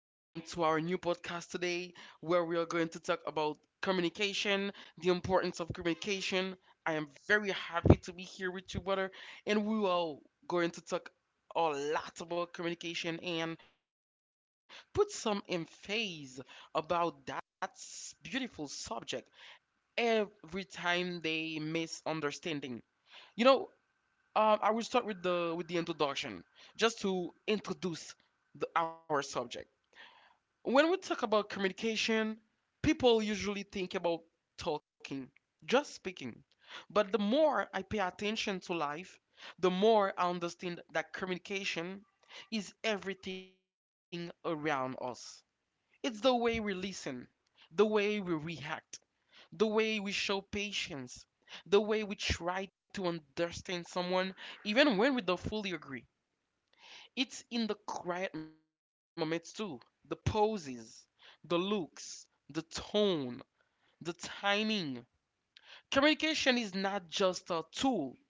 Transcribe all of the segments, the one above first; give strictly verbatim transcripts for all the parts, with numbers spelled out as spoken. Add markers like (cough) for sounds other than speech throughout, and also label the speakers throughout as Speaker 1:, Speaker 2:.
Speaker 1: welcome to our new podcast today, where we are going to talk about communication, the importance of communication. I am very happy to be here with you, brother, and we are going to talk a lot about communication and put some emphasis about that beautiful subject every time they misunderstanding. You know, um, I will start with the with the introduction, just to introduce the, our subject when we talk about communication, people usually think about talking, just speaking. But the more I pay attention to life, the more I understand that communication is everything around us. It's the way we listen, the way we react, the way we show patience, the way we try to understand someone even when we don't fully agree. It's in the quiet moments too. The poses, the looks, the tone, the timing. Communication is not just a tool,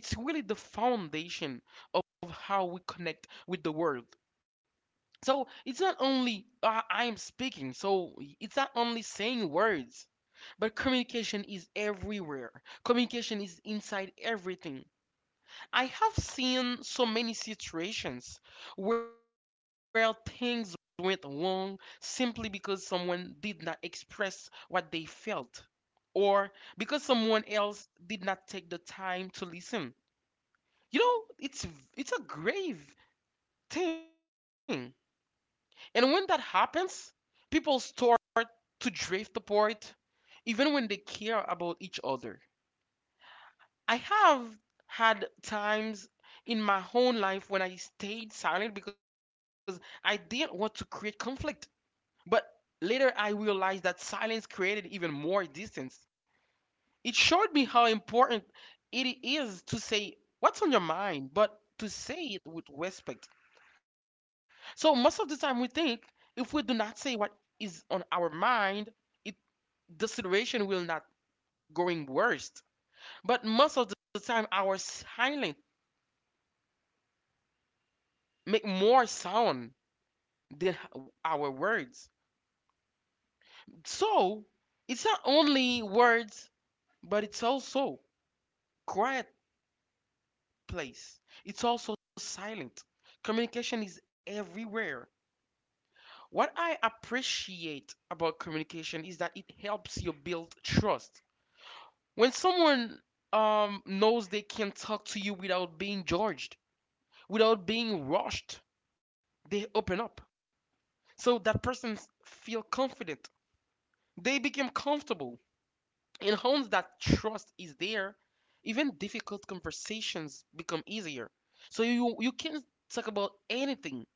Speaker 1: it's really the foundation of how we connect with the world. So it's not only uh, I am speaking, so it's not only saying words, but communication is everywhere. Communication is inside everything. I have seen so many situations where things went wrong simply because someone did not express what they felt or because someone else did not take the time to listen. You know, it's it's a grave thing. And when that happens, people start to drift apart even when they care about each other. I have had times in my own life when I stayed silent because I didn't want to create conflict. But later I realized that silence created even more distance. It showed me how important it is to say what's on your mind, but to say it with respect. So most of the time we think if we do not say what is on our mind, it the situation will not going worse. But most of the time our silence make more sound than our words. So it's not only words, but it's also quiet place. It's also silent. Communication is everywhere. What I appreciate about communication is that it helps you build trust. When someone um, knows they can talk to you without being judged, without being rushed, they open up. So that person s- feel confident. They become comfortable. In homes that trust is there, even difficult conversations become easier. So you you can talk about anything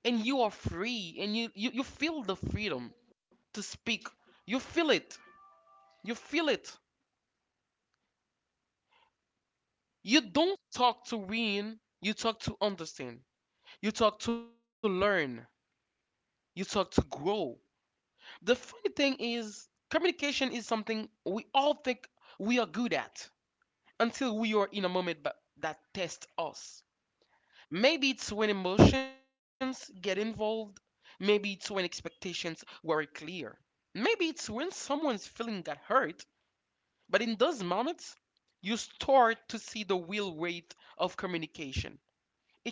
Speaker 1: and you are free and you, you, you feel the freedom to speak. You feel it. You feel it. You don't talk to win, you talk to understand. You talk to learn. You talk to grow. The funny thing is communication is something we all think we are good at until we are in a moment ba- that tests us. Maybe it's when emotions get involved. Maybe it's when expectations weren't clear. Maybe it's when someone's feeling got hurt. But in those moments, you start to see the real weight of communication.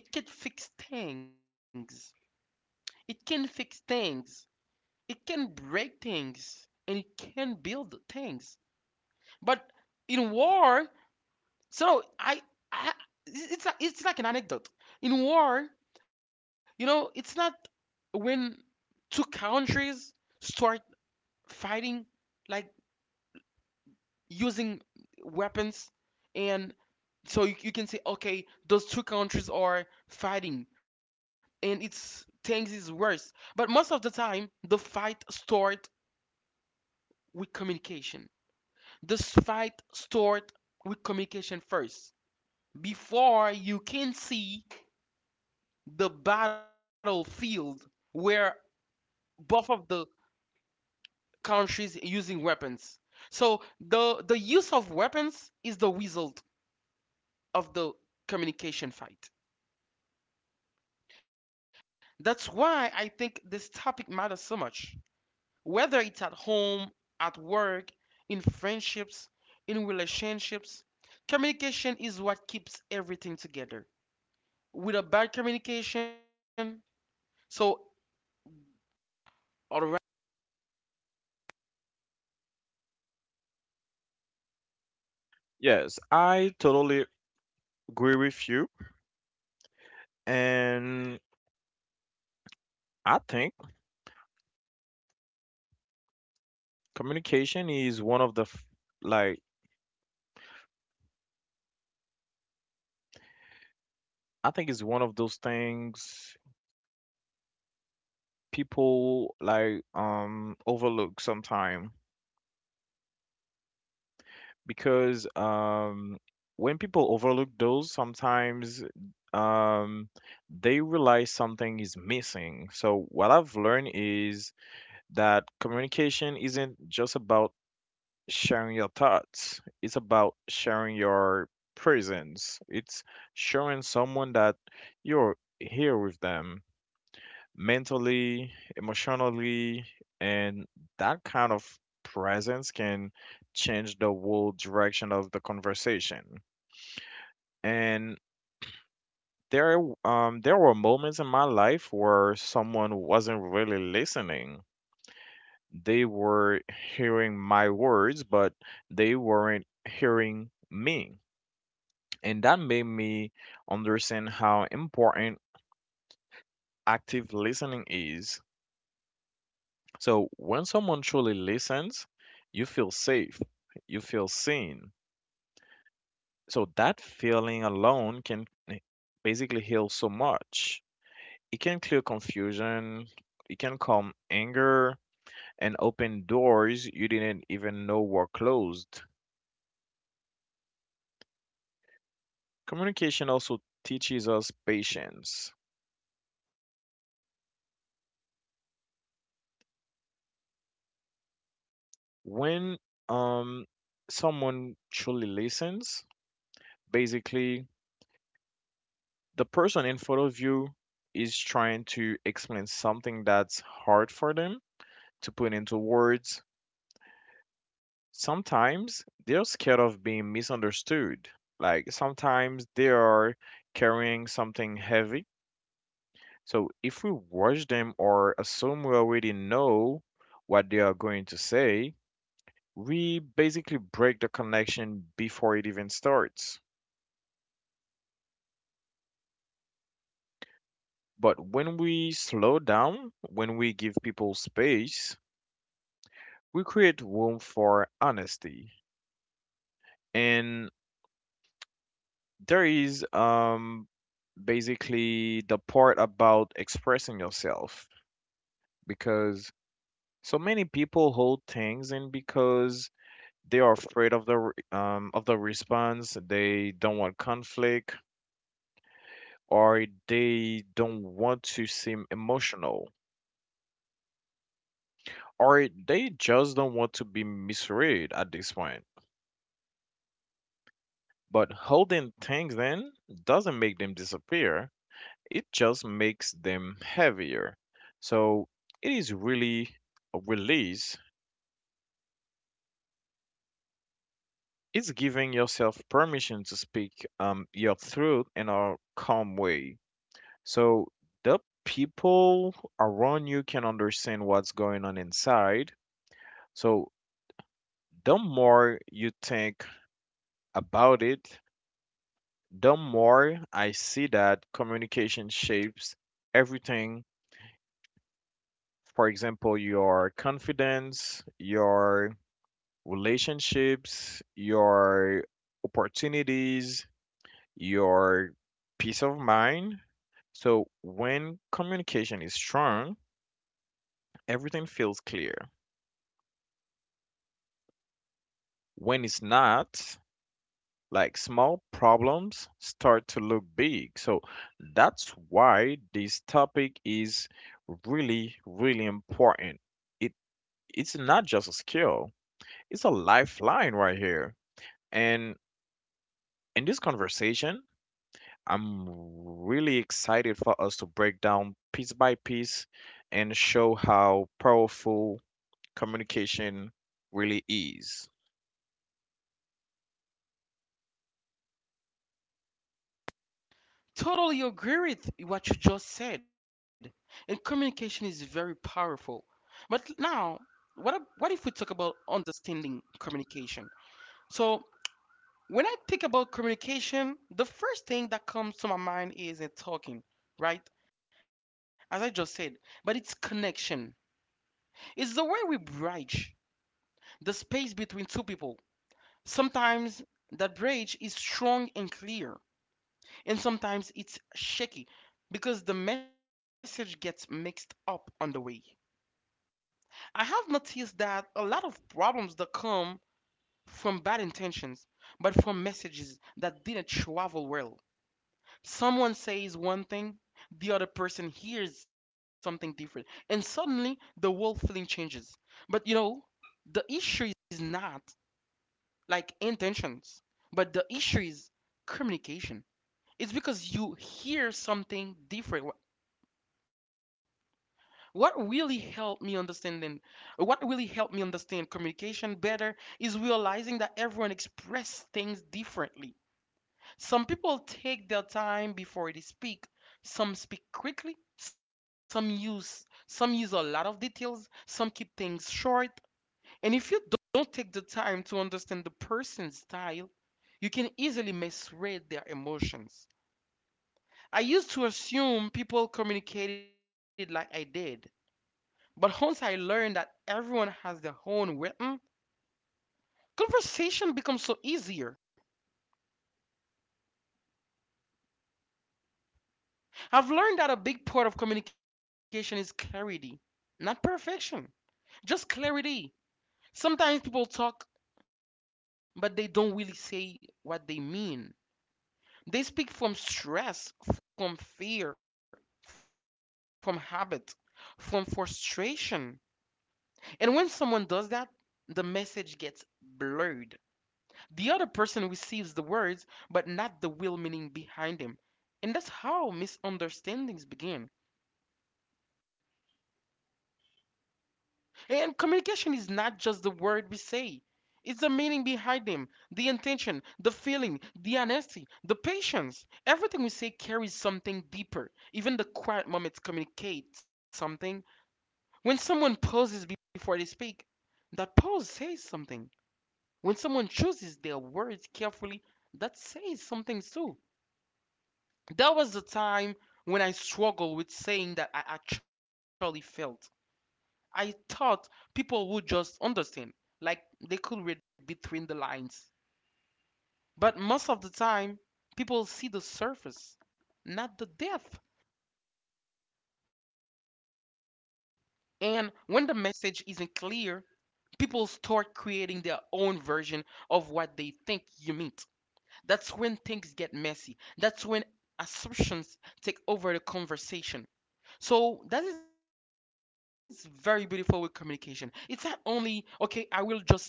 Speaker 1: It can fix things. It can fix things. It can break things. And it can build things. But in war, So I, I it's it's like, it's like an anecdote. In war, you know, it's not when two countries start fighting, like using weapons, and so you, you can say, okay, those two countries are fighting, and it's things is worse. But most of the time, the fight start with communication. This fight start with communication first, before you can see the battlefield where both of the countries using weapons. So the the use of weapons is the result of the communication fight. That's why I think this topic matters so much. Whether it's at home, at work, in friendships, in relationships, communication is what keeps everything together. With a bad communication, so all right.
Speaker 2: Yes, I totally agree with you. And I think communication is one of the f- like I think it's one of those things people like um overlook sometime because um when people overlook those sometimes, um they realize something is missing. So what I've learned is that communication isn't just about sharing your thoughts. It's about sharing your presence. It's showing someone that you're here with them mentally, emotionally, and that kind of presence can change the whole direction of the conversation. And there um there were moments in my life where someone wasn't really listening. They were hearing my words, but they weren't hearing me, and that made me understand how important active listening is. So when someone truly listens, you feel safe, you feel seen. So that feeling alone can basically heal so much. It can clear confusion, it can calm anger, and open doors you didn't even know were closed. Communication also teaches us patience. When um Someone truly listens. Basically, the person in front of you is trying to explain something that's hard for them to put into words. Sometimes they're scared of being misunderstood. Like sometimes they are carrying something heavy. So if we watch them or assume we already know what they are going to say, we basically break the connection before it even starts. But when we slow down, when we give people space, we create room for honesty. And there is um basically the part about expressing yourself, because so many people hold things in because they are afraid of the re- um of the response, they don't want conflict, or they don't want to seem emotional, or they just don't want to be misread at this point. But holding things in doesn't make them disappear, it just makes them heavier. So it is really a release. It's giving yourself permission to speak um, your truth in a calm way. So the people around you can understand what's going on inside. So the more you think about it, the more I see that communication shapes everything. For example, your confidence, your relationships, your opportunities, your peace of mind. So when communication is strong, everything feels clear. When it's not, like small problems start to look big. So that's why this topic is really, really important. It it's not just a skill, it's a lifeline right here. And in this conversation, I'm really excited for us to break down piece by piece and show how powerful communication really is.
Speaker 1: Totally agree with what you just said. And communication is very powerful. But now, what ab- what if we talk about understanding communication? So, when I think about communication, the first thing that comes to my mind is in talking, right? As I just said, but it's connection. It's the way we bridge the space between two people. Sometimes that bridge is strong and clear, and sometimes it's shaky because the message gets mixed up on the way. I have noticed that a lot of problems that come from bad intentions, but from messages that didn't travel well. Someone says one thing, the other person hears something different, and suddenly the whole feeling changes. But you know, the issue is not like intentions, but the issue is communication. It's because you hear something different. What really helped me understanding, what really helped me understand communication better is realizing that everyone expresses things differently. Some people take their time before they speak. Some speak quickly. Some use some use a lot of details. Some keep things short. And if you don't take the time to understand the person's style, you can easily misread their emotions. I used to assume people communicated like I did. But once I learned that everyone has their own rhythm, conversation becomes so easier. I've learned that a big part of communication is clarity, not perfection, just clarity. Sometimes people talk, but they don't really say what they mean. They speak from stress, from fear, from habit, from frustration. And when someone does that, the message gets blurred. The other person receives the words, but not the real meaning behind them. And that's how misunderstandings begin. And communication is not just the word we say, it's the meaning behind them, the intention, the feeling, the honesty, the patience. Everything we say carries something deeper. Even the quiet moments communicate something. When someone pauses before they speak, that pause says something. When someone chooses their words carefully, that says something too. That was the time when I struggled with saying that I actually felt. I thought people would just understand, like they could read between the lines. But most of the time, people see the surface, not the depth. And when the message isn't clear, people start creating their own version of what they think you meant. That's when things get messy. That's when assumptions take over the conversation. So that is very beautiful with communication. It's not only, okay, I will just speak, and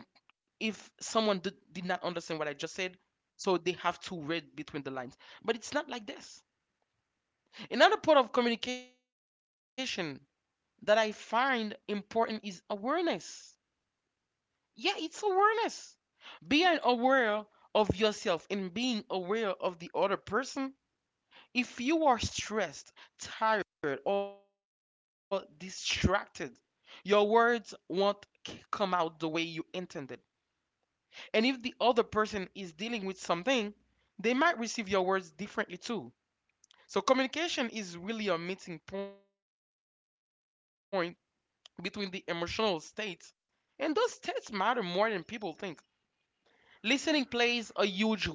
Speaker 1: if someone did, did not understand what I just said, so they have to read between the lines. But it's not like this. Another part of communication that I find important is awareness. Yeah, it's awareness. Being aware of yourself and being aware of the other person. If you are stressed, tired, or distracted, your words won't c- come out the way you intended. And if the other person is dealing with something, they might receive your words differently too. So communication is really a meeting point between the emotional states, and those states matter more than people think. Listening plays a huge role too.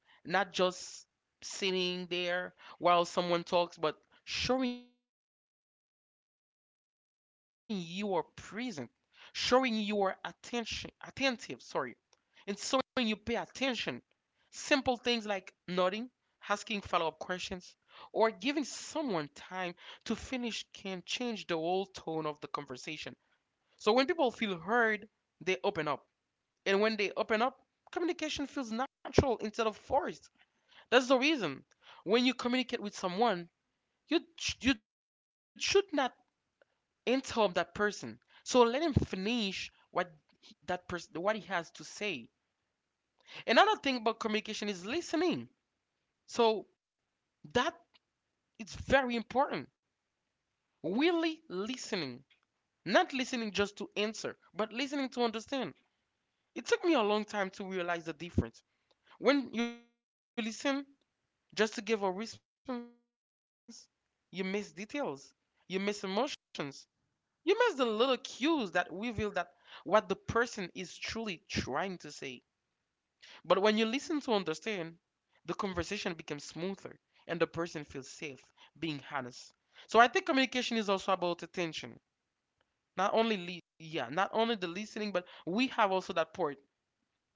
Speaker 1: Not just sitting there while someone talks, but showing you are present, showing you are attention, attentive, sorry, and showing you pay attention. Simple things like nodding, asking follow up questions, or giving someone time to finish can change the whole tone of the conversation. So when people feel heard, they open up. And when they open up, communication feels natural instead of forced. That's the reason. When you communicate with someone, you sh- you should not interrupt that person. So let him finish what he- that person what he has to say. Another thing about communication is listening. So that is very important. Really listening, not listening just to answer, but listening to understand. It took me a long time to realize the difference. When you listen just to give a response, you miss details, you miss emotions. You miss the little cues that reveal that what the person is truly trying to say. But when you listen to understand, the conversation becomes smoother and the person feels safe being honest. So I think communication is also about attention. Not only li- yeah, not only the listening, but we have also that part,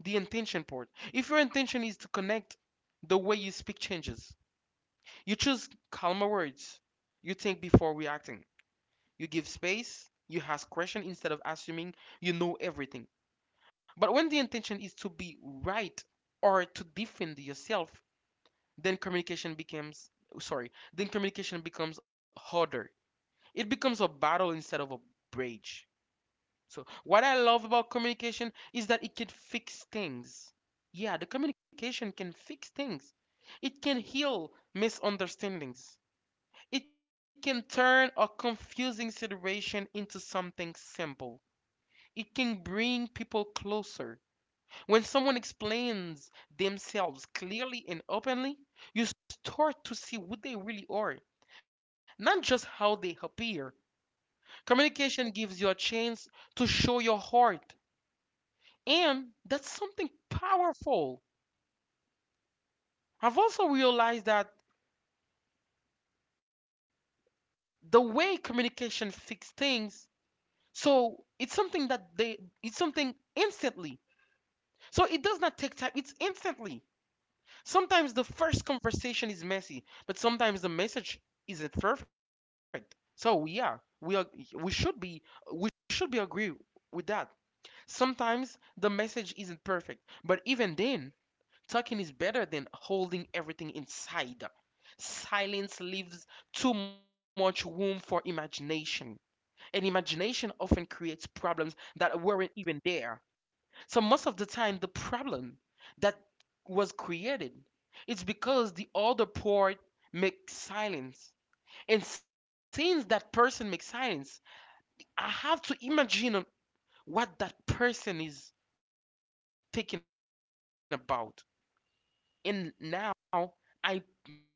Speaker 1: the intention part. If your intention is to connect, the way you speak changes. You choose calmer words. You think before reacting. You give space, you ask questions instead of assuming you know everything. But when the intention is to be right or to defend yourself, then communication becomes sorry, then communication becomes harder. It becomes a battle instead of a bridge. So what I love about communication is that it can fix things. Yeah, the communication can fix things. It can heal misunderstandings. It can turn a confusing situation into something simple. It can bring people closer. When someone explains themselves clearly and openly, you start to see what they really are, not just how they appear. Communication gives you a chance to show your heart, and that's something powerful. I've also realized that the way communication fixes things, so it's something that they, it's something instantly. So it does not take time, it's instantly. Sometimes the first conversation is messy, but sometimes the message isn't perfect. So yeah, we are, we should be we should be agree with that. Sometimes the message isn't perfect, but even then, talking is better than holding everything inside. Silence leaves too much room for imagination, and imagination often creates problems that weren't even there. So most of the time, the problem that was created it's because the other part makes silence. And since that person makes silence, I have to imagine what that person is thinking about. And now I make my own words.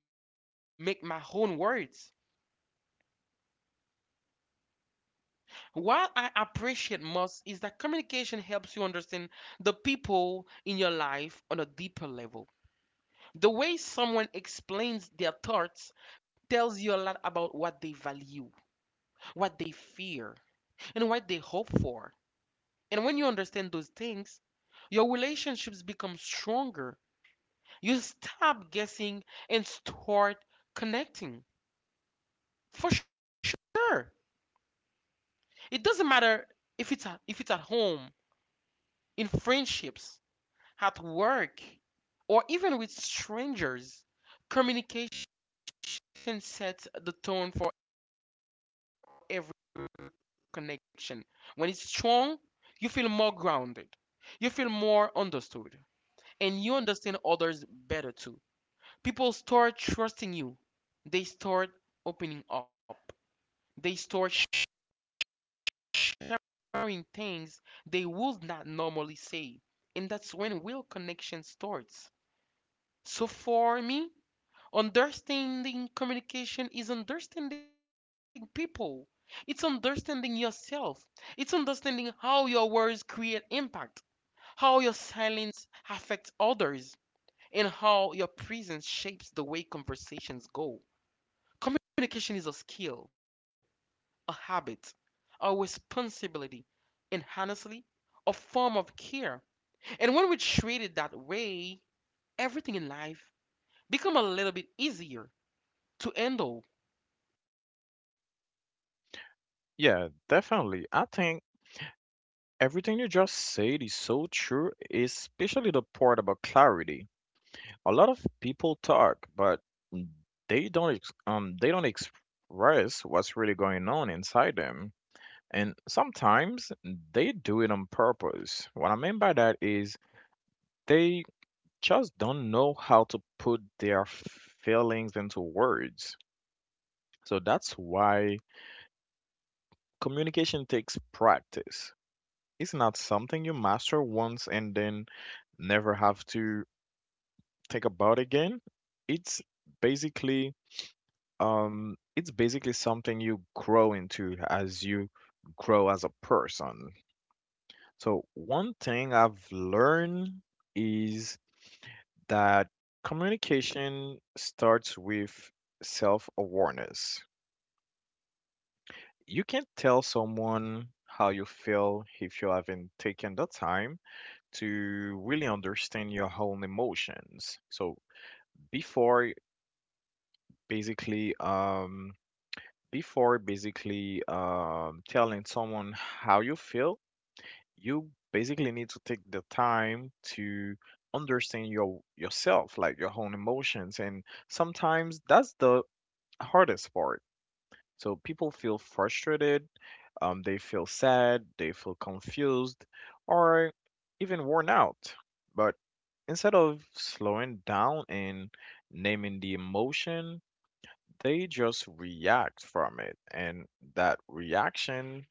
Speaker 1: What I appreciate most is that communication helps you understand the people in your life on a deeper level. The way someone explains their thoughts tells you a lot about what they value, what they fear, and what they hope for. And when you understand those things, your relationships become stronger. You stop guessing and start connecting. For sure. It doesn't matter if it's at, if it's at home, in friendships, at work, or even with strangers. Communication sets the tone for every connection. When it's strong, you feel more grounded. You feel more understood. And you understand others better too. People start trusting you. They start opening up. They start sharing things they would not normally say. And that's when real connection starts. So for me, understanding communication is understanding people. It's understanding yourself. It's understanding how your words create impact. How your silence affects others, and how your presence shapes the way conversations go. Communication is a skill, a habit, a responsibility, and honestly, a form of care. And when we treat it that way, everything in life becomes a little bit easier to handle.
Speaker 2: Yeah, definitely. I think everything you just said is so true, especially the part about clarity. A lot of people talk, but they don't ex- um they don't express what's really going on inside them. And sometimes they do it on purpose. What I mean by that is they just don't know how to put their feelings into words. So that's why communication takes practice. It's not something you master once and then never have to think about again. It's basically um it's basically something you grow into as you grow as a person. So one thing I've learned is that communication starts with self awareness. You can tell someone how you feel if you haven't taken the time to really understand your own emotions. So before basically um before basically um telling someone how you feel, you basically need to take the time to understand your yourself like your own emotions, and sometimes that's the hardest part. So people feel frustrated, um, they feel sad, they feel confused, or even worn out. But instead of slowing down and naming the emotion, they just react from it. And that reaction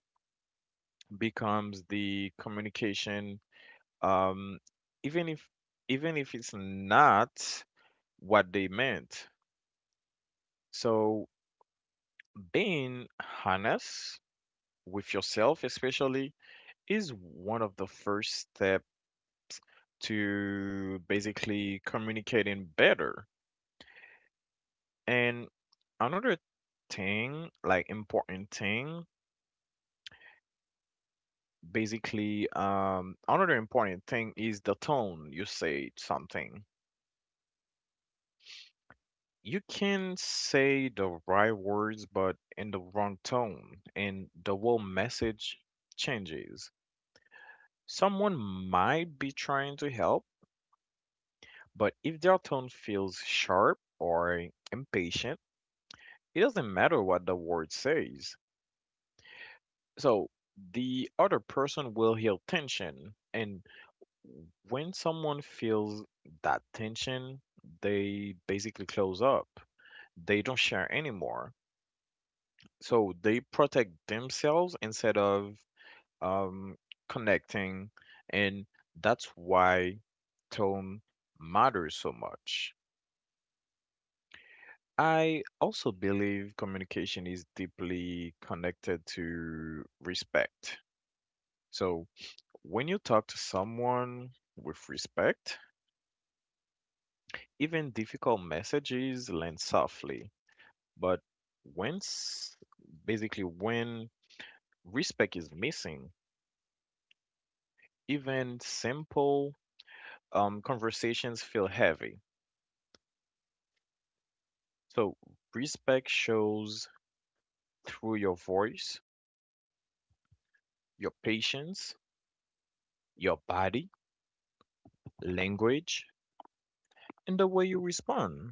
Speaker 2: becomes the communication, um, even if even if it's not what they meant. So being honest with yourself, especially, is one of the first step to basically communicating better. And another thing, like important thing, basically, um, another important thing is the tone you say something. You can say the right words, but in the wrong tone, and the whole message changes. Someone might be trying to help, but if their tone feels sharp or impatient, it doesn't matter what the word says. So the other person will feel tension. And when someone feels that tension, they basically close up. They don't share anymore. So they protect themselves instead of um, connecting. And that's why tone matters so much. I also believe communication is deeply connected to respect. So when you talk to someone with respect, even difficult messages land softly. But when, s- basically, when respect is missing, even simple um, conversations feel heavy. So respect shows through your voice, your patience, your body, language, and the way you respond.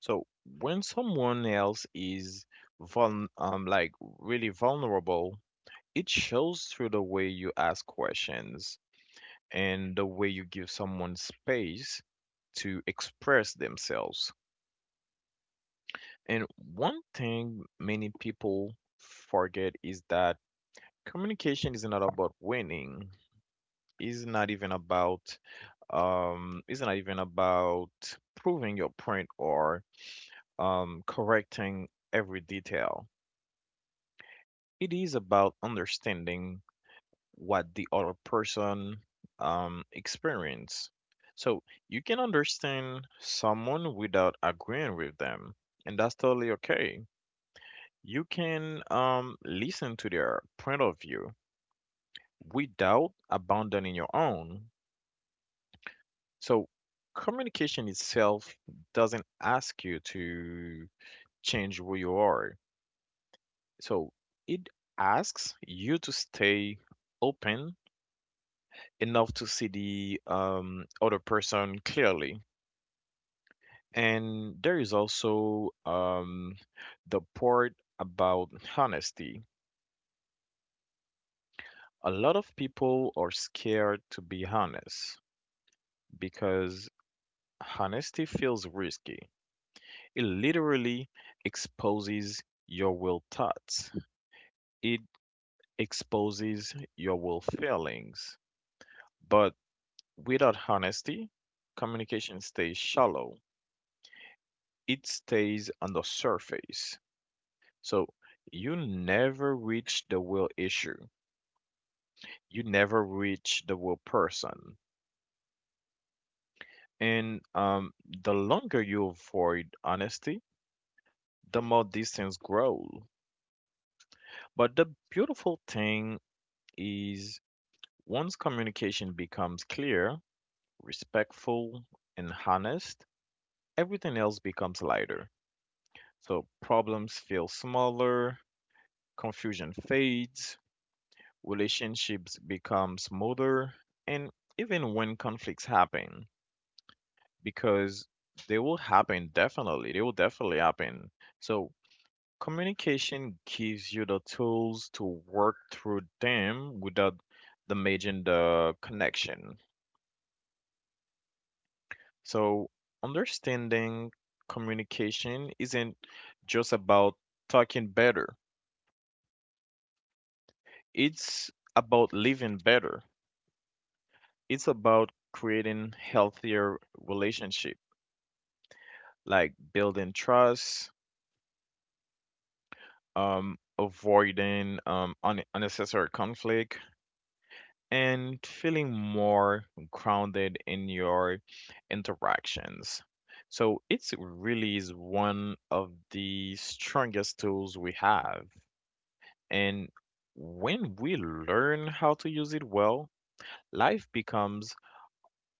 Speaker 2: So when someone else is vul- um, like really vulnerable, it shows through the way you ask questions and the way you give someone space to express themselves. And one thing many people forget is that communication is not about winning. Is not even about um, it's not even about proving your point, or um, correcting every detail. It is about understanding what the other person um, experience. So you can understand someone without agreeing with them, and that's totally okay. You can um, listen to their point of view without abandoning your own. So communication itself doesn't ask you to change who you are. So it asks you to stay open enough to see the um, other person clearly. And there is also um, the part about honesty. A lot of people are scared to be honest because honesty feels risky. It literally exposes your will thoughts, it exposes your will feelings. But without honesty, communication stays shallow. It stays on the surface. So you never reach the real issue. You never reach the real person. And um, the longer you avoid honesty, the more distance grows. But the beautiful thing is once communication becomes clear, respectful, and honest, everything else becomes lighter. So problems feel smaller, confusion fades, relationships become smoother, and even when conflicts happen, because they will happen definitely, they will definitely happen. So communication gives you the tools to work through them without damaging the connection. So understanding communication isn't just about talking better, it's about living better. It's about creating healthier relationship, like building trust, um, avoiding um, un- unnecessary conflict, and feeling more grounded in your interactions. So it's really is one of the strongest tools we have, and when we learn how to use it well, life becomes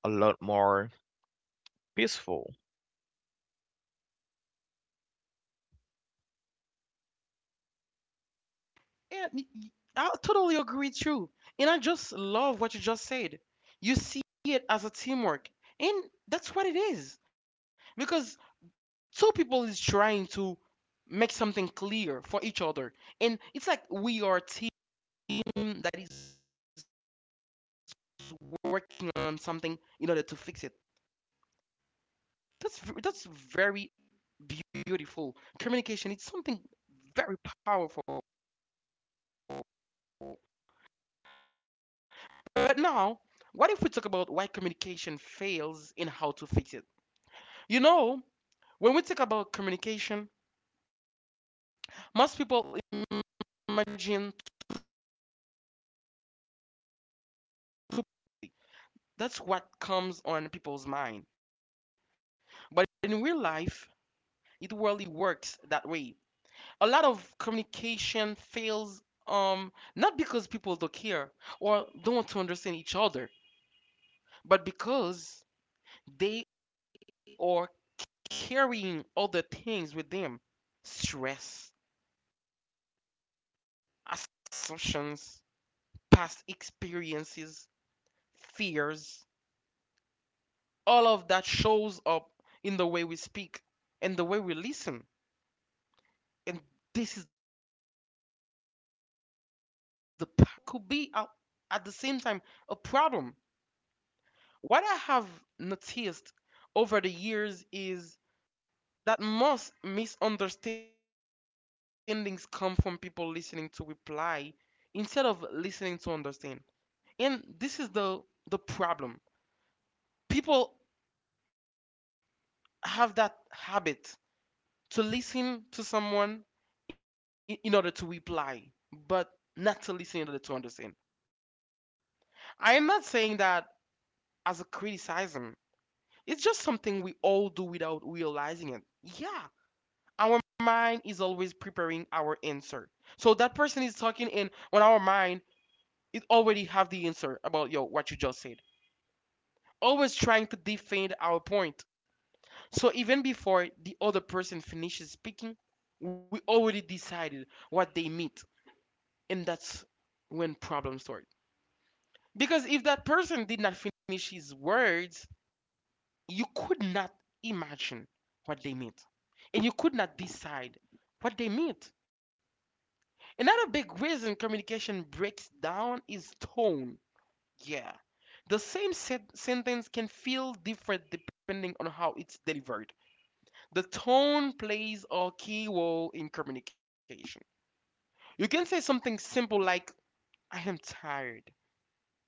Speaker 2: a lot more peaceful.
Speaker 1: Yeah, n- y- I totally agree with you. And I just love what you just said. You see it as a teamwork. And that's what it is. Because two people is trying to make something clear for each other. And it's like we are a team that is working on something in order to fix it. That's v- that's very beautiful. Communication it's something very powerful. But now, what if we talk about why communication fails and how to fix it? You know, when we talk about communication, most people imagine two people talking and everything flowing smoothly. That's what comes on people's mind. But in real life, it rarely works that way. A lot of communication fails um not because people don't care or don't want to understand each other, but because they are carrying other things with them: stress, assumptions, past experiences, fears. All of that shows up in the way we speak and the way we listen. And this is the power of communication. And this is what could be a- at the same time a problem. What I have noticed over the years is that most misunderstandings come from people listening to reply instead of listening to understand. And this is the the problem. People have that habit to listen to someone in, in order to reply, but not to listen in order to understand. I am not saying that as a criticism. It's just something we all do without realizing it. Yeah, our mind is always preparing our answer. So that person is talking, and on our mind it already have the answer about yo what you just said, always trying to defend our point. So even before the other person finishes speaking, we already decided what they meant, and that's when problems start. Because if that person did not finish his words, you could not imagine what they meant, and you could not decide what they meant. Another big reason communication breaks down is tone. Yeah. The same sen- sentence can feel different depending on how it's delivered. The tone plays a key role in communication. You can say something simple like, I am tired.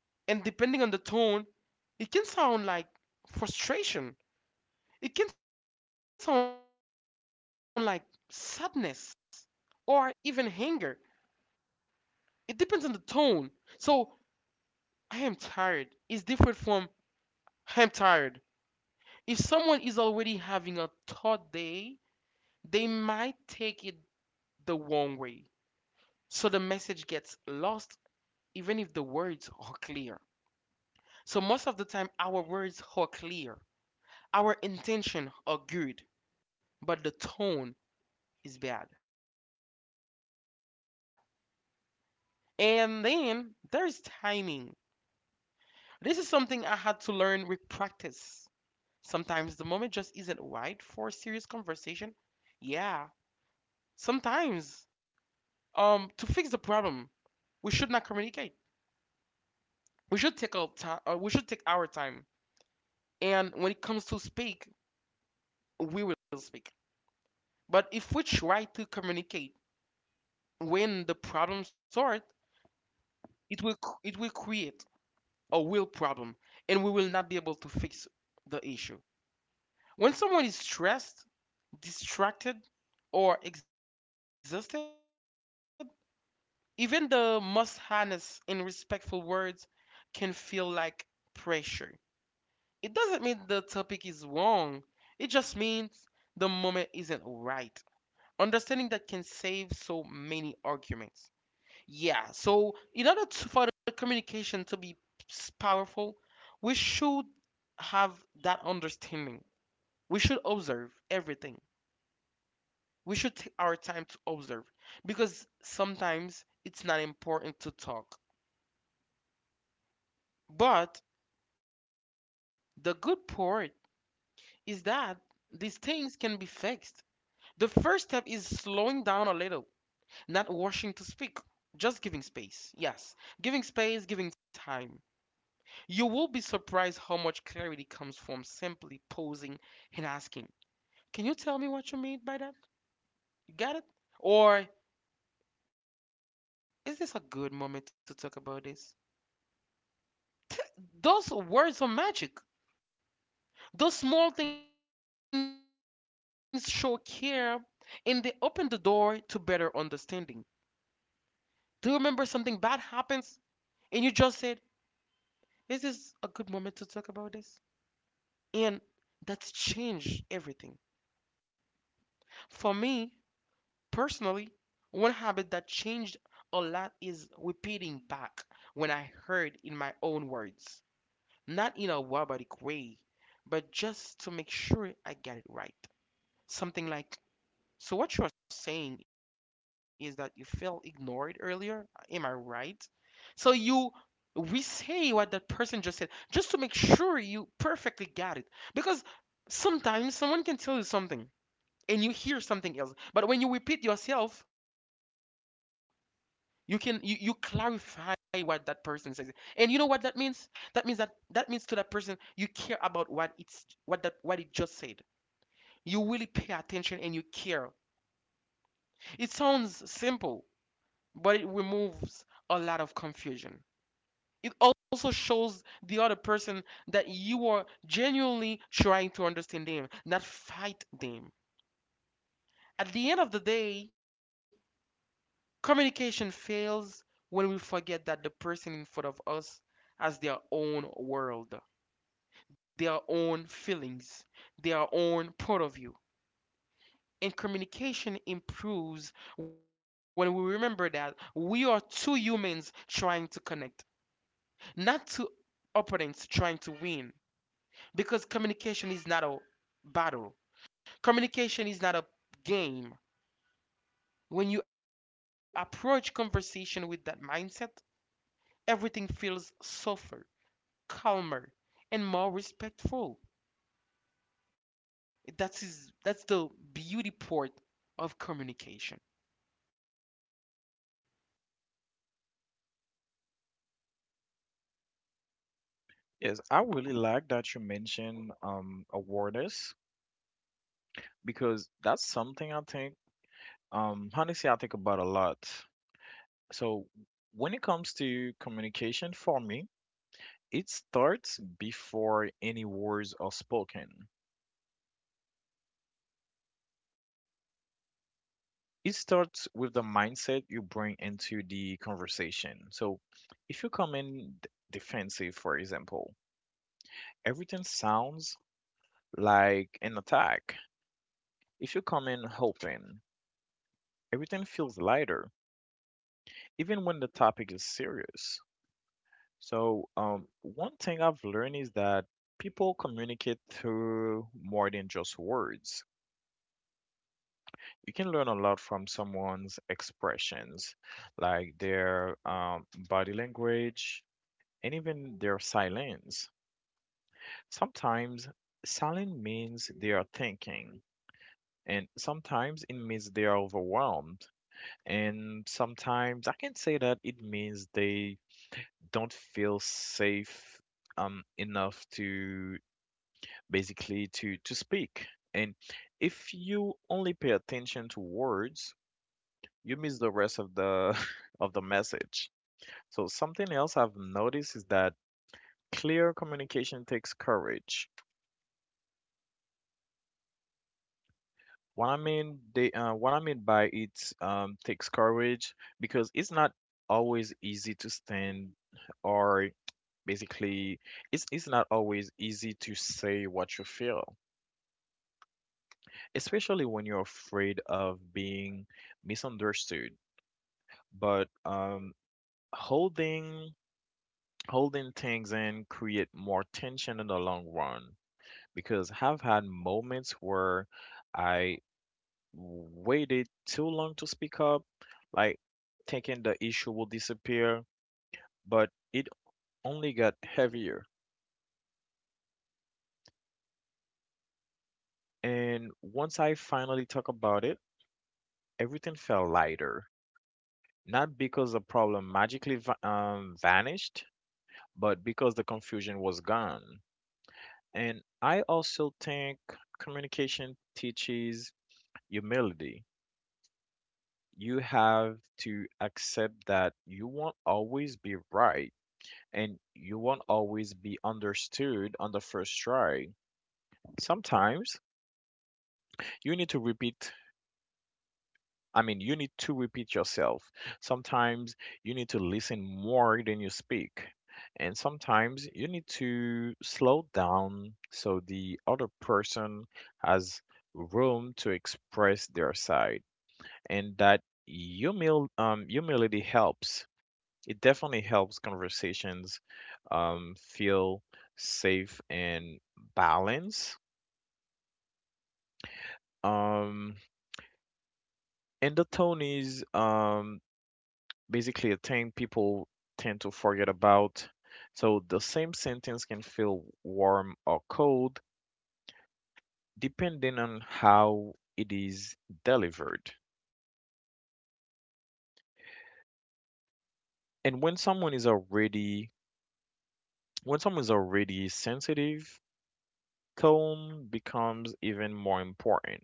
Speaker 1: And depending on the tone, it can sound like frustration, it can sound like sadness, or even anger. It depends on the tone. So, I am tired is different from I am tired. If someone is already having a tough day, they might take it the wrong way. So the message gets lost even if the words are clear. So most of the time, our words are clear, our intention are good, but the tone is bad. And then there's timing. This is something I had to learn with practice. Sometimes the moment just isn't right for a serious conversation. Yeah, sometimes. Um, to fix the problem, we should not communicate. We should take our time. Uh, we should take our time. And when it comes to speak, we will speak. But if we try to communicate when the problem starts, it will c- it will create a real problem, and we will not be able to fix the issue. When someone is stressed, distracted, or exhausted, even the most honest and respectful words can feel like pressure. It doesn't mean the topic is wrong. It just means the moment isn't right. Understanding that can save so many arguments. Yeah, so in order to, for the communication to be s- powerful, we should have that understanding. We should observe everything. We should take our time to observe, because sometimes it's not important to talk. But the good part is that these things can be fixed. The first step is slowing down a little, not washing to speak, just giving space. Yes, giving space, giving time. You will be surprised how much clarity comes from simply posing and asking, can you tell me what you mean by that? You got it? Or is this a good moment to talk about this? (laughs) Those words are magic. Those small things show care and they open the door to better understanding. Do you remember something bad happens and you just said, is this a good moment to talk about this? And that's changed everything. For me personally, one habit that changed a lot is repeating back when I heard in my own words, not in a robotic way, but just to make sure I get it right. Something like, so what you're saying is that you felt ignored earlier? Am I right? So you We say what that person just said just to make sure you perfectly got it. Because sometimes someone can tell you something and you hear something else. But when you repeat yourself, you can you, you clarify what that person says. And you know what that means? That means that that means to that person you care about what it's what that what it just said. You really pay attention and you care. It sounds simple, but it removes a lot of confusion. It also shows the other person that you are genuinely trying to understand them, not fight them. At the end of the day, communication fails when we forget that the person in front of us has their own world, their own feelings, their own point of view. And communication improves when we remember that we are two humans trying to connect. Not to opponents trying to win, because communication is not a battle, communication is not a game. When you approach conversation with that mindset, everything feels softer, calmer, and more respectful. That's is that's the beauty part of communication.
Speaker 2: Yes, I really like that you mentioned um awareness because that's something I think um honestly I think about a lot. So when it comes to communication for me, it starts before any words are spoken. It starts with the mindset you bring into the conversation. So if you come in d- defensive, for example, everything sounds like an attack. If you come in hoping, everything feels lighter, even when the topic is serious. So um, one thing I've learned is that people communicate through more than just words. You can learn a lot from someone's expressions, like their um, body language and even their silence. Sometimes silence means they are thinking, and sometimes it means they are overwhelmed. And sometimes I can say that it means they don't feel safe um, enough to basically to to speak. And if you only pay attention to words, you miss the rest of the (laughs) of the message. So something else I've noticed is that clear communication takes courage. What I mean they uh, what I mean by it um, takes courage because it's not always easy to stand, or basically it's it's not always easy to say what you feel, especially when you're afraid of being misunderstood. But um, holding holding things in create more tension in the long run, because I've had moments where I waited too long to speak up, like thinking the issue will disappear, but it only got heavier. And once I finally talk about it, everything felt lighter. Not because the problem magically va- um, vanished, but because the confusion was gone. And I also think communication teaches humility. You have to accept that you won't always be right and you won't always be understood on the first try. Sometimes you need to repeat, I mean, you need to repeat yourself. Sometimes you need to listen more than you speak. And sometimes you need to slow down so the other person has room to express their side. And that humil um, humility helps. It definitely helps conversations um, feel safe and balanced. Um, and the tone is um, basically a thing people tend to forget about. So the same sentence can feel warm or cold depending on how it is delivered. And when someone is already when someone is already sensitive, calm becomes even more important.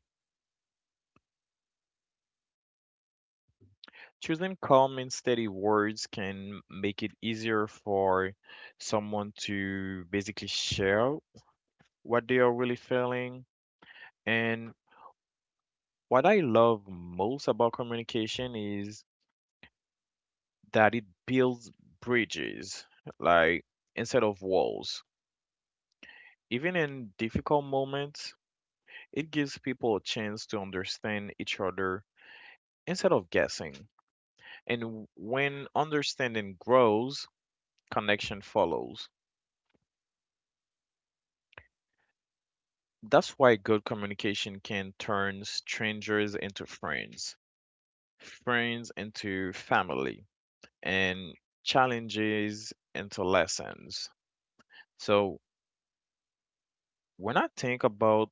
Speaker 2: Choosing calm and steady words can make it easier for someone to basically share what they are really feeling and What I love most about communication is that it builds bridges, like instead of walls. Even in difficult moments, it gives people a chance to understand each other instead of guessing. And w- when understanding grows, connection follows. That's why good communication can turn strangers into friends, friends into family, and challenges into lessons. So When I think about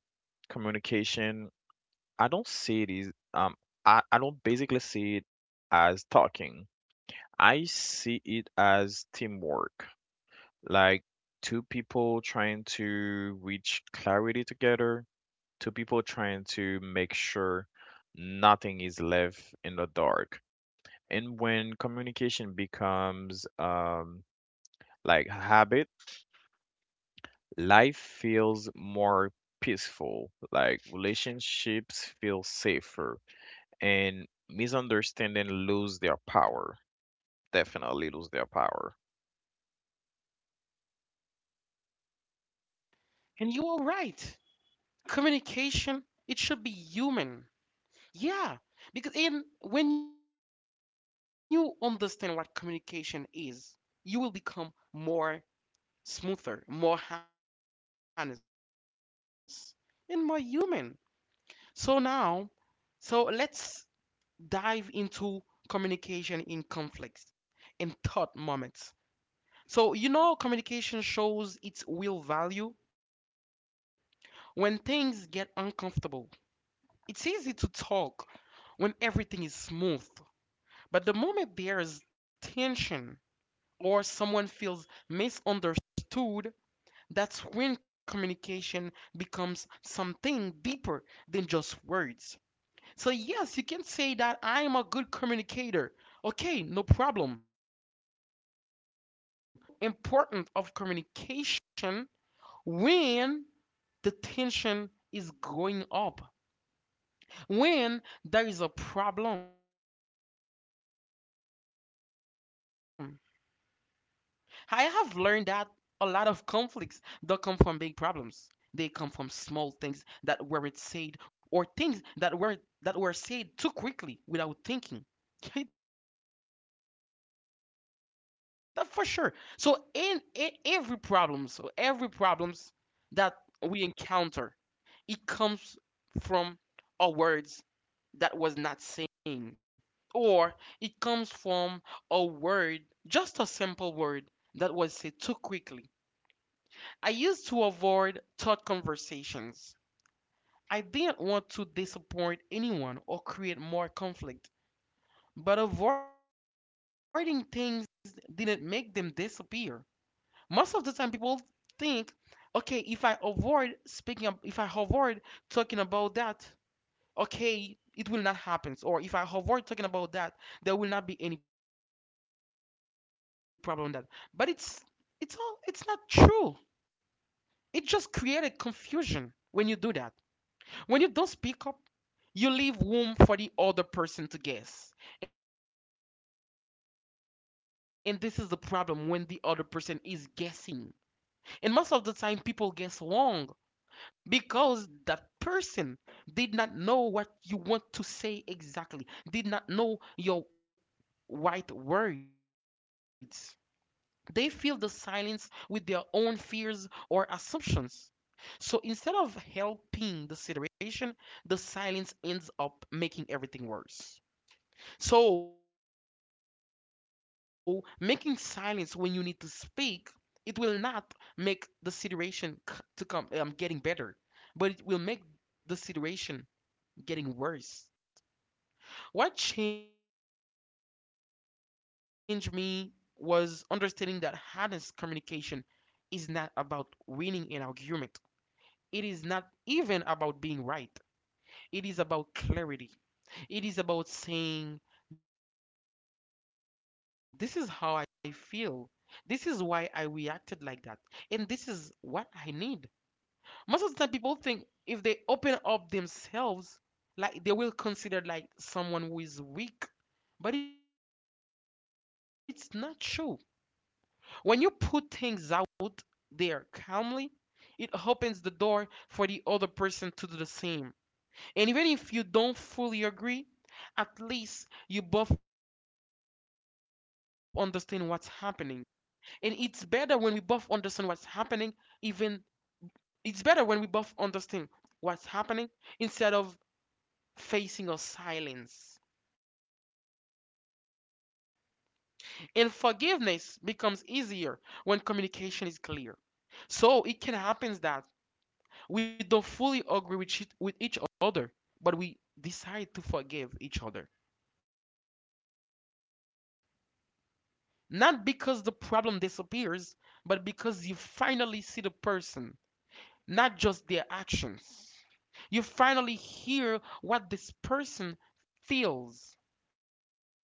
Speaker 2: communication, I don't see it as um I, I don't basically see it as talking. I see it as teamwork. Like two people trying to reach clarity together, two people trying to make sure nothing is left in the dark. And when communication becomes um like habit Life feels more peaceful, like relationships feel safer, and misunderstanding lose their power. Definitely lose their power.
Speaker 1: And you are right, communication it should be human. Yeah, because in when you understand what communication is, you will become more smoother, more honest, and more human. So now, so let's dive into communication in conflicts and thought moments. So you know communication shows its real value when things get uncomfortable. It's easy to talk when everything is smooth, but the moment there is tension, or someone feels misunderstood, that's when communication becomes something deeper than just words. So, yes, you can say that I am a good communicator. Okay, no problem. You are a good communicator. But you will see the real importance of communication when the tension is going up, when there is a problem. I have learned that a lot of conflicts don't come from big problems. They come from small things that weren't said, or things that weren't that were said too quickly without thinking. (laughs) That for sure. So in, in every problem, so every problems that we encounter, it comes from our words that was not seen. Or it comes from a word, just a simple word that was said too quickly. I used to avoid thought conversations. I didn't want to disappoint anyone or create more conflict, but avoiding things didn't make them disappear. Most of the time, people think, okay, if I avoid speaking, if I avoid talking about that, okay it will not happen. Or if I avoid talking about that, there will not be any problem with that. But it's it's all it's not true. It just created confusion when you do that. When you don't speak up, you leave room for the other person to guess. And this is the problem. When the other person is guessing, and most of the time people guess wrong, because that person did not know what you want to say exactly, did not know your right words. They fill the silence with their own fears or assumptions. So instead of helping the situation, the silence ends up making everything worse. So, making silence when you need to speak, it will not make the situation c- to come um, getting better, but it will make the situation getting worse. What changed me was understanding that honest communication is not about winning an argument. It is not even about being right. It is about clarity. It is about saying, this is how I feel. This is why I reacted like that. And this is what I need. Most of the time, people think if they open up themselves, like they will consider like someone who is weak. But it's not true. When you put things out there calmly, it opens the door for the other person to do the same. And even if you don't fully agree, at least you both understand what's happening. And it's better when we both understand what's happening. Even it's better when we both understand what's happening instead of facing a silence. And forgiveness becomes easier when communication is clear. So it can happen that we don't fully agree with each, with each other, but we decide to forgive each other, not because the problem disappears, but because you finally see the person, not just their actions. You finally hear what this person feels.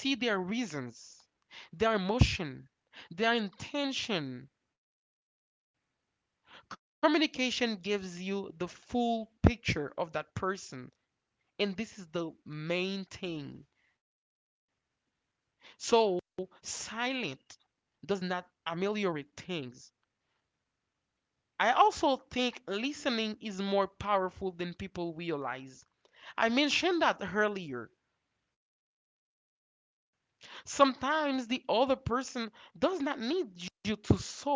Speaker 1: You see their reasons, their emotion, their intention. Communication gives you the full picture of that person. And this is the main thing. So, silent does not ameliorate things. I also think listening is more powerful than people realize. I mentioned that earlier. Sometimes the other person does not need you to solve anything.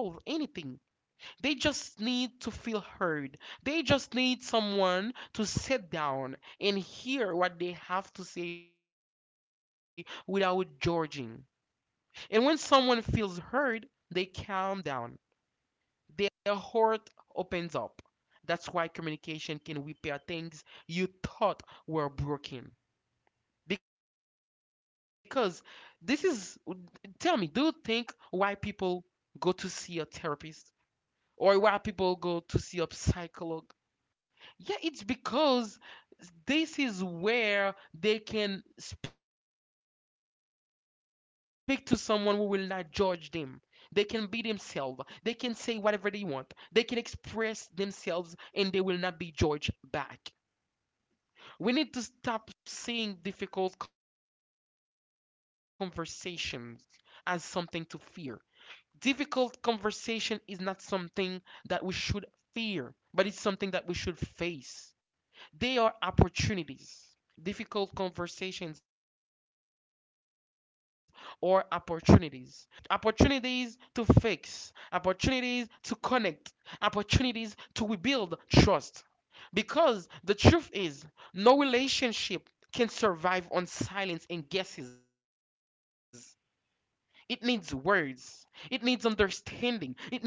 Speaker 1: They just need to feel heard. They just need someone to sit down and hear what they have to say without judging. And when someone feels heard, they calm down. Their heart opens up. That's why communication can repair things you thought were broken. Because this is, tell me, do you think why people go to see a therapist or why people go to see a psycholog? Yeah, it's because this is where they can speak to someone who will not judge them. They can be themselves. They can say whatever they want. They can express themselves and they will not be judged back. We need to stop seeing difficult conversations as something to fear. Difficult conversation is not something that we should fear, but it's something that we should face. They are opportunities. Difficult conversations are opportunities. Opportunities to fix, opportunities to connect, opportunities to rebuild trust. Because the truth is, no relationship can survive on silence and guesses. It needs words. It needs understanding. It needs patience.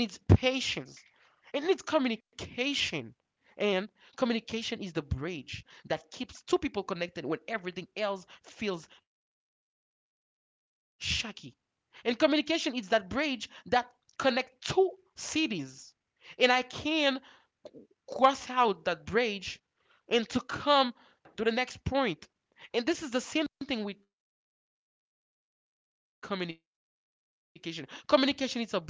Speaker 1: It needs communication. And communication is the bridge that keeps two people connected when everything else feels shaky. And communication is that bridge that connects two cities. And I can cross out that bridge and to come to the next point. And this is the same thing with communication. Communication is a bridge that connect two people together.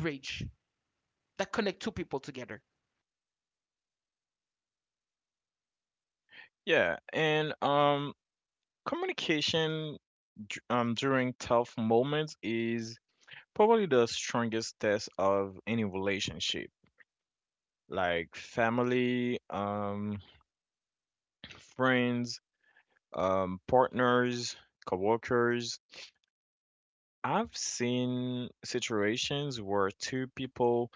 Speaker 2: Yeah, and um, communication d- um during tough moments is probably the strongest test of any relationship, like family, um, friends, um, partners, coworkers. I've seen situations where two people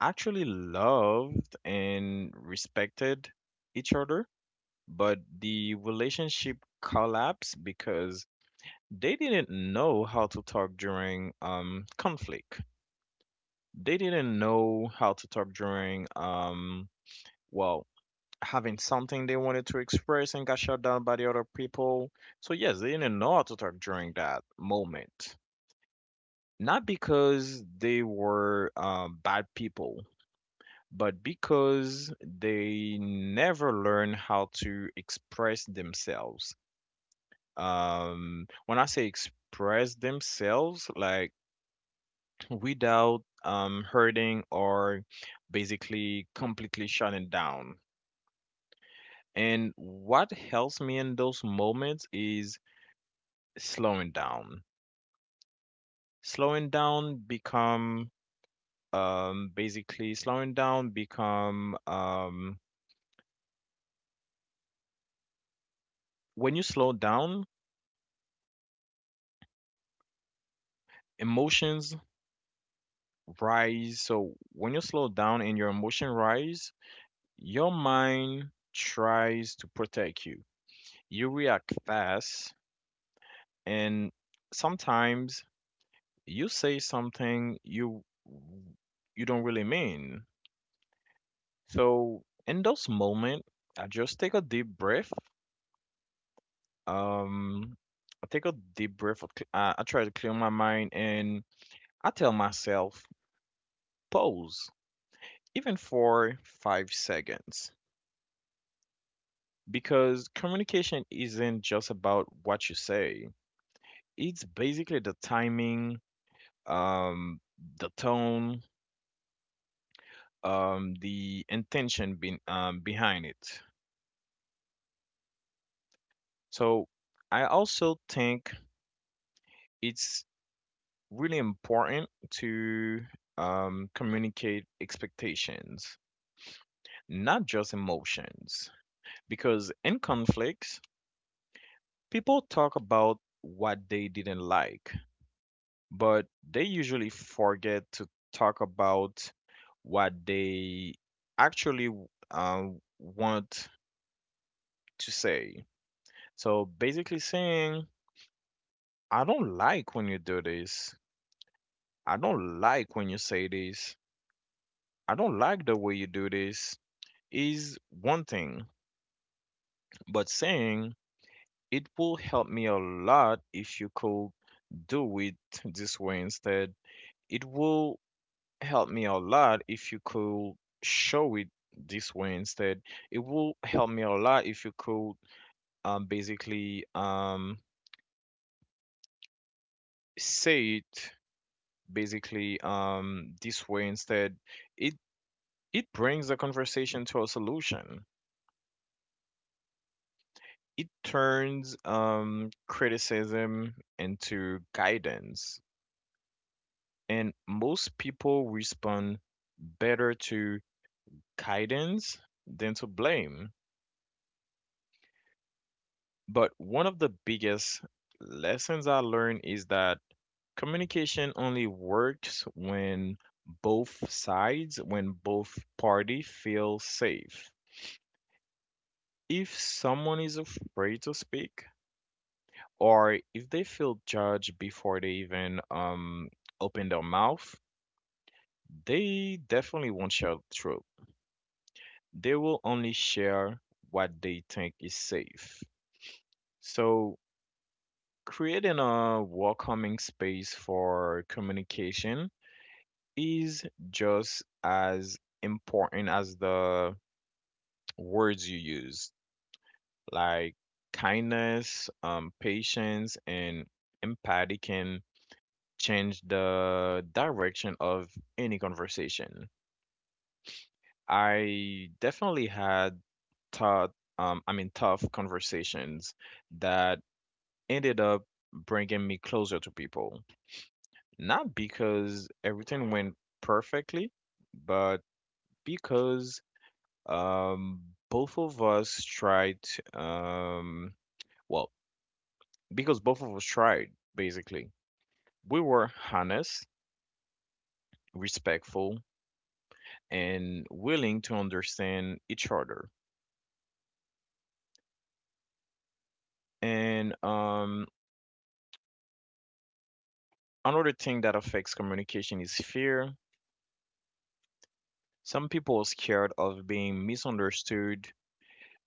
Speaker 2: actually loved and respected each other, but the relationship collapsed because they didn't know how to talk during um conflict. They didn't know how to talk during um well, having something they wanted to express and got shut down by the other people. So yes, they didn't know how to talk during that moment. Not because they were um, bad people, but because they never learn how to express themselves. Um, when I say express themselves, like without um, hurting or basically completely shutting down. And what helps me in those moments is slowing down. Slowing down become um basically slowing down become um When you slow down, emotions rise. So when you slow down and your emotion rise, your mind tries to protect you. You react fast and sometimes you say something you you don't really mean. So in those moments, I just take a deep breath. Um I take a deep breath. I, cl- I I try to clear my mind and I tell myself, pause even for five seconds. Because communication isn't just about what you say, it's basically the timing, um, the tone, um, the intention be- um, behind it. So I also think it's really important to um, communicate expectations, not just emotions. Because in conflicts, people talk about what they didn't like but they usually forget to talk about what they actually um, want to say. So basically saying, I don't like when you do this. I don't like when you say this. I don't like the way you do this is one thing, but saying it will help me a lot if you could do it this way instead. It will help me a lot if you could show it this way instead. It will help me a lot if you could um, basically um, say it basically um, this way instead. It it brings the conversation to a solution. It turns um, criticism into guidance, and most people respond better to guidance than to blame. But one of the biggest lessons I learned is that communication only works when both sides, when both party feel safe. If someone is afraid to speak, or if they feel judged before they even um, open their mouth, they definitely won't share the truth. They will only share what they think is safe. So creating a welcoming space for communication is just as important as the words you use. Like kindness, um, patience, and empathy can change the direction of any conversation. I definitely had taught, um, I mean, tough conversations that ended up bringing me closer to people. Not because everything went perfectly, but because um, both of us tried, um, well, because both of us tried, basically. We were honest, respectful, and willing to understand each other. And um, another thing that affects communication is fear. Some people are scared of being misunderstood,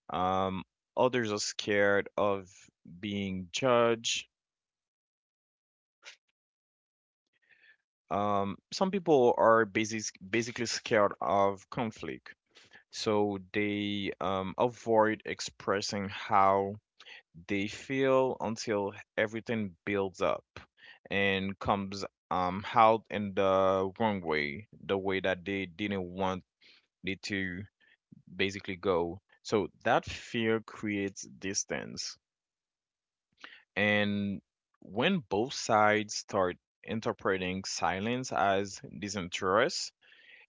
Speaker 2: um, others are scared of being judged. Um, some people are basic, basically scared of conflict, so they um, avoid expressing how they feel until everything builds up and comes um, out in the wrong way, the way that they didn't want it to basically go. So that fear creates distance. And when both sides start interpreting silence as disinterest,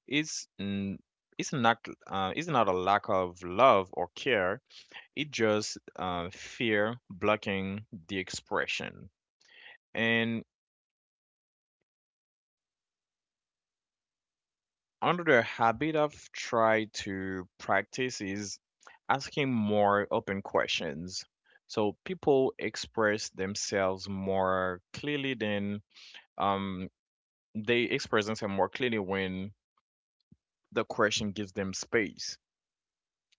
Speaker 2: Is n- it's not uh, it's not a lack of love or care. It just uh, fear blocking the expression. And another habit I've tried to practice is asking more open questions. So people express themselves more clearly than um, they express themselves more clearly when the question gives them space,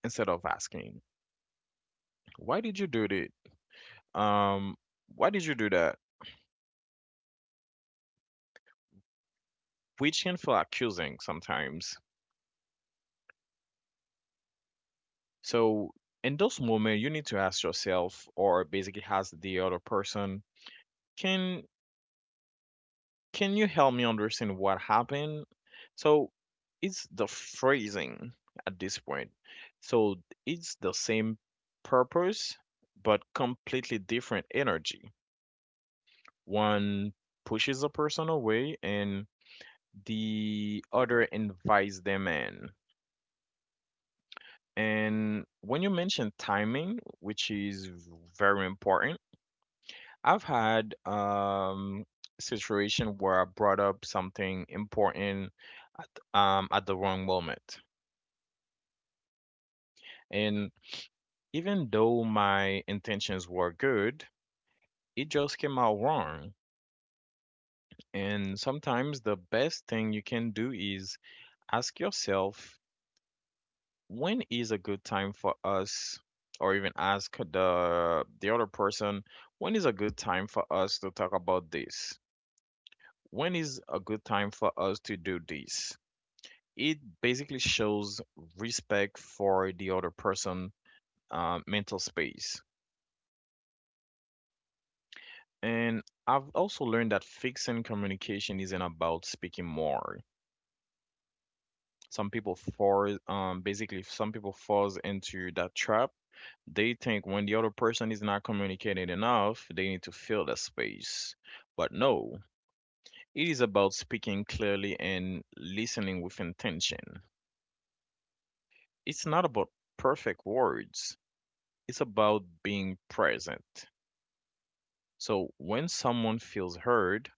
Speaker 2: instead of asking, "Why did you do this? Um, why did you do that?" Which can feel accusing sometimes. So in those moments, you need to ask yourself, or basically ask the other person, can can you help me understand what happened? So it's the phrasing at this point. So it's the same purpose, but completely different energy. One pushes a person away and the other invites them in. And when you mention timing, which is very important, I've had um situation where I brought up something important at, um, at the wrong moment. And even though my intentions were good, it just came out wrong. And sometimes the best thing you can do is ask yourself when is a good time for us, or even ask the the other person, when is a good time for us to talk about this? When is a good time for us to do this? It basically shows respect for the other person, uh, mental space. And I've also learned that fixing communication isn't about speaking more. Some people fall, um, basically, some people falls into that trap. They think when the other person is not communicating enough, they need to fill the space. But no, it is about speaking clearly and listening with intention. It's not about perfect words, it's about being present. So when someone feels heard,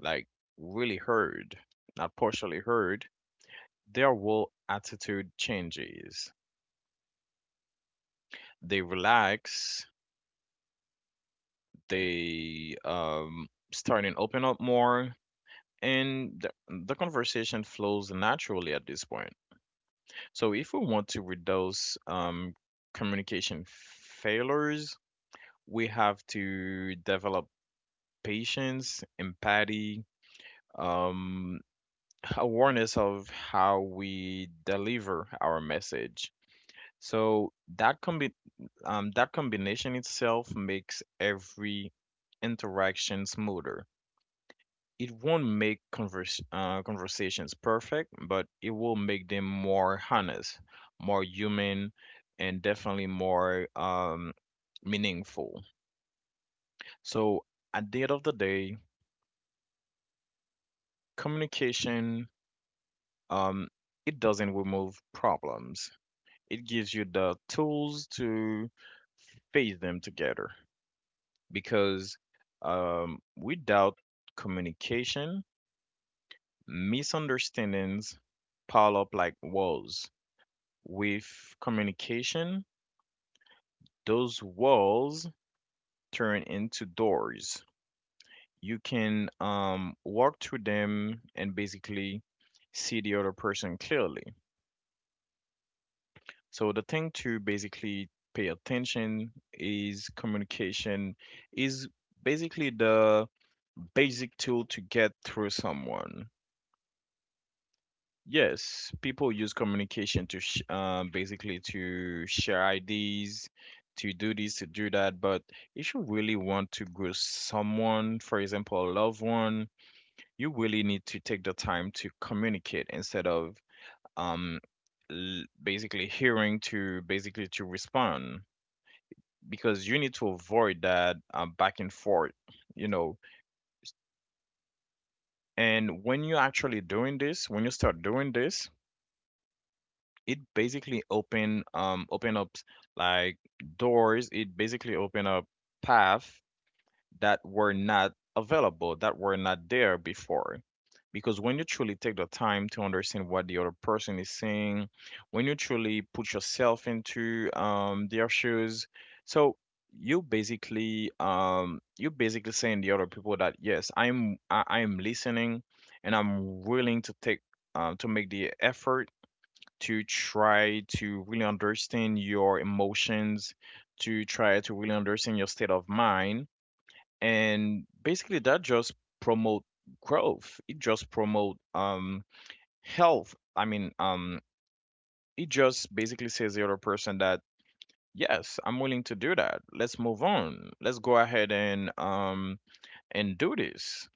Speaker 2: like really heard, not partially heard, their whole attitude changes. They relax, they um, starting open up more and the, the conversation flows naturally at this point. So if we want to reduce um, communication failures, we have to develop patience, empathy, um, (laughs) awareness of how we deliver our message. So that combi- um, that combination itself makes every interaction smoother. It won't make converse, uh, conversations perfect, but it will make them more honest, more human, and definitely more um, meaningful. So at the end of the day, communication um, it doesn't remove problems. It gives you the tools to face them together because um, without communication, misunderstandings pile up like walls. With communication, those walls turn into doors. You can um, walk through them and basically see the other person clearly. So the thing to basically pay attention is communication is basically the basic tool to get through someone. Yes, people use communication to sh um, basically to share ideas, to do this, to do that. But if you really want to grow someone, for example, a loved one, you really need to take the time to communicate instead of um l basically hearing to basically to respond, because you need to avoid that uh, back and forth, you know. And when you're actually doing this, when you start doing this, it basically open um open up like doors. It basically open up path that were not available, that were not there before. Because when you truly take the time to understand what the other person is saying, when you truly put yourself into um their shoes, so you basically um you basically saying the other people that yes, I'm I, I'm listening and I'm willing to take um, to make the effort to try to really understand your emotions, to try to really understand your state of mind. And basically that just promote growth. It just promote um health. I mean, um it just basically says the other person that yes, I'm willing to do that. Let's move on. Let's go ahead and um and do this.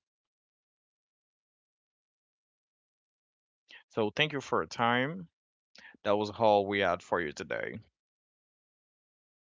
Speaker 2: So thank you for your time. That was all we had for you today.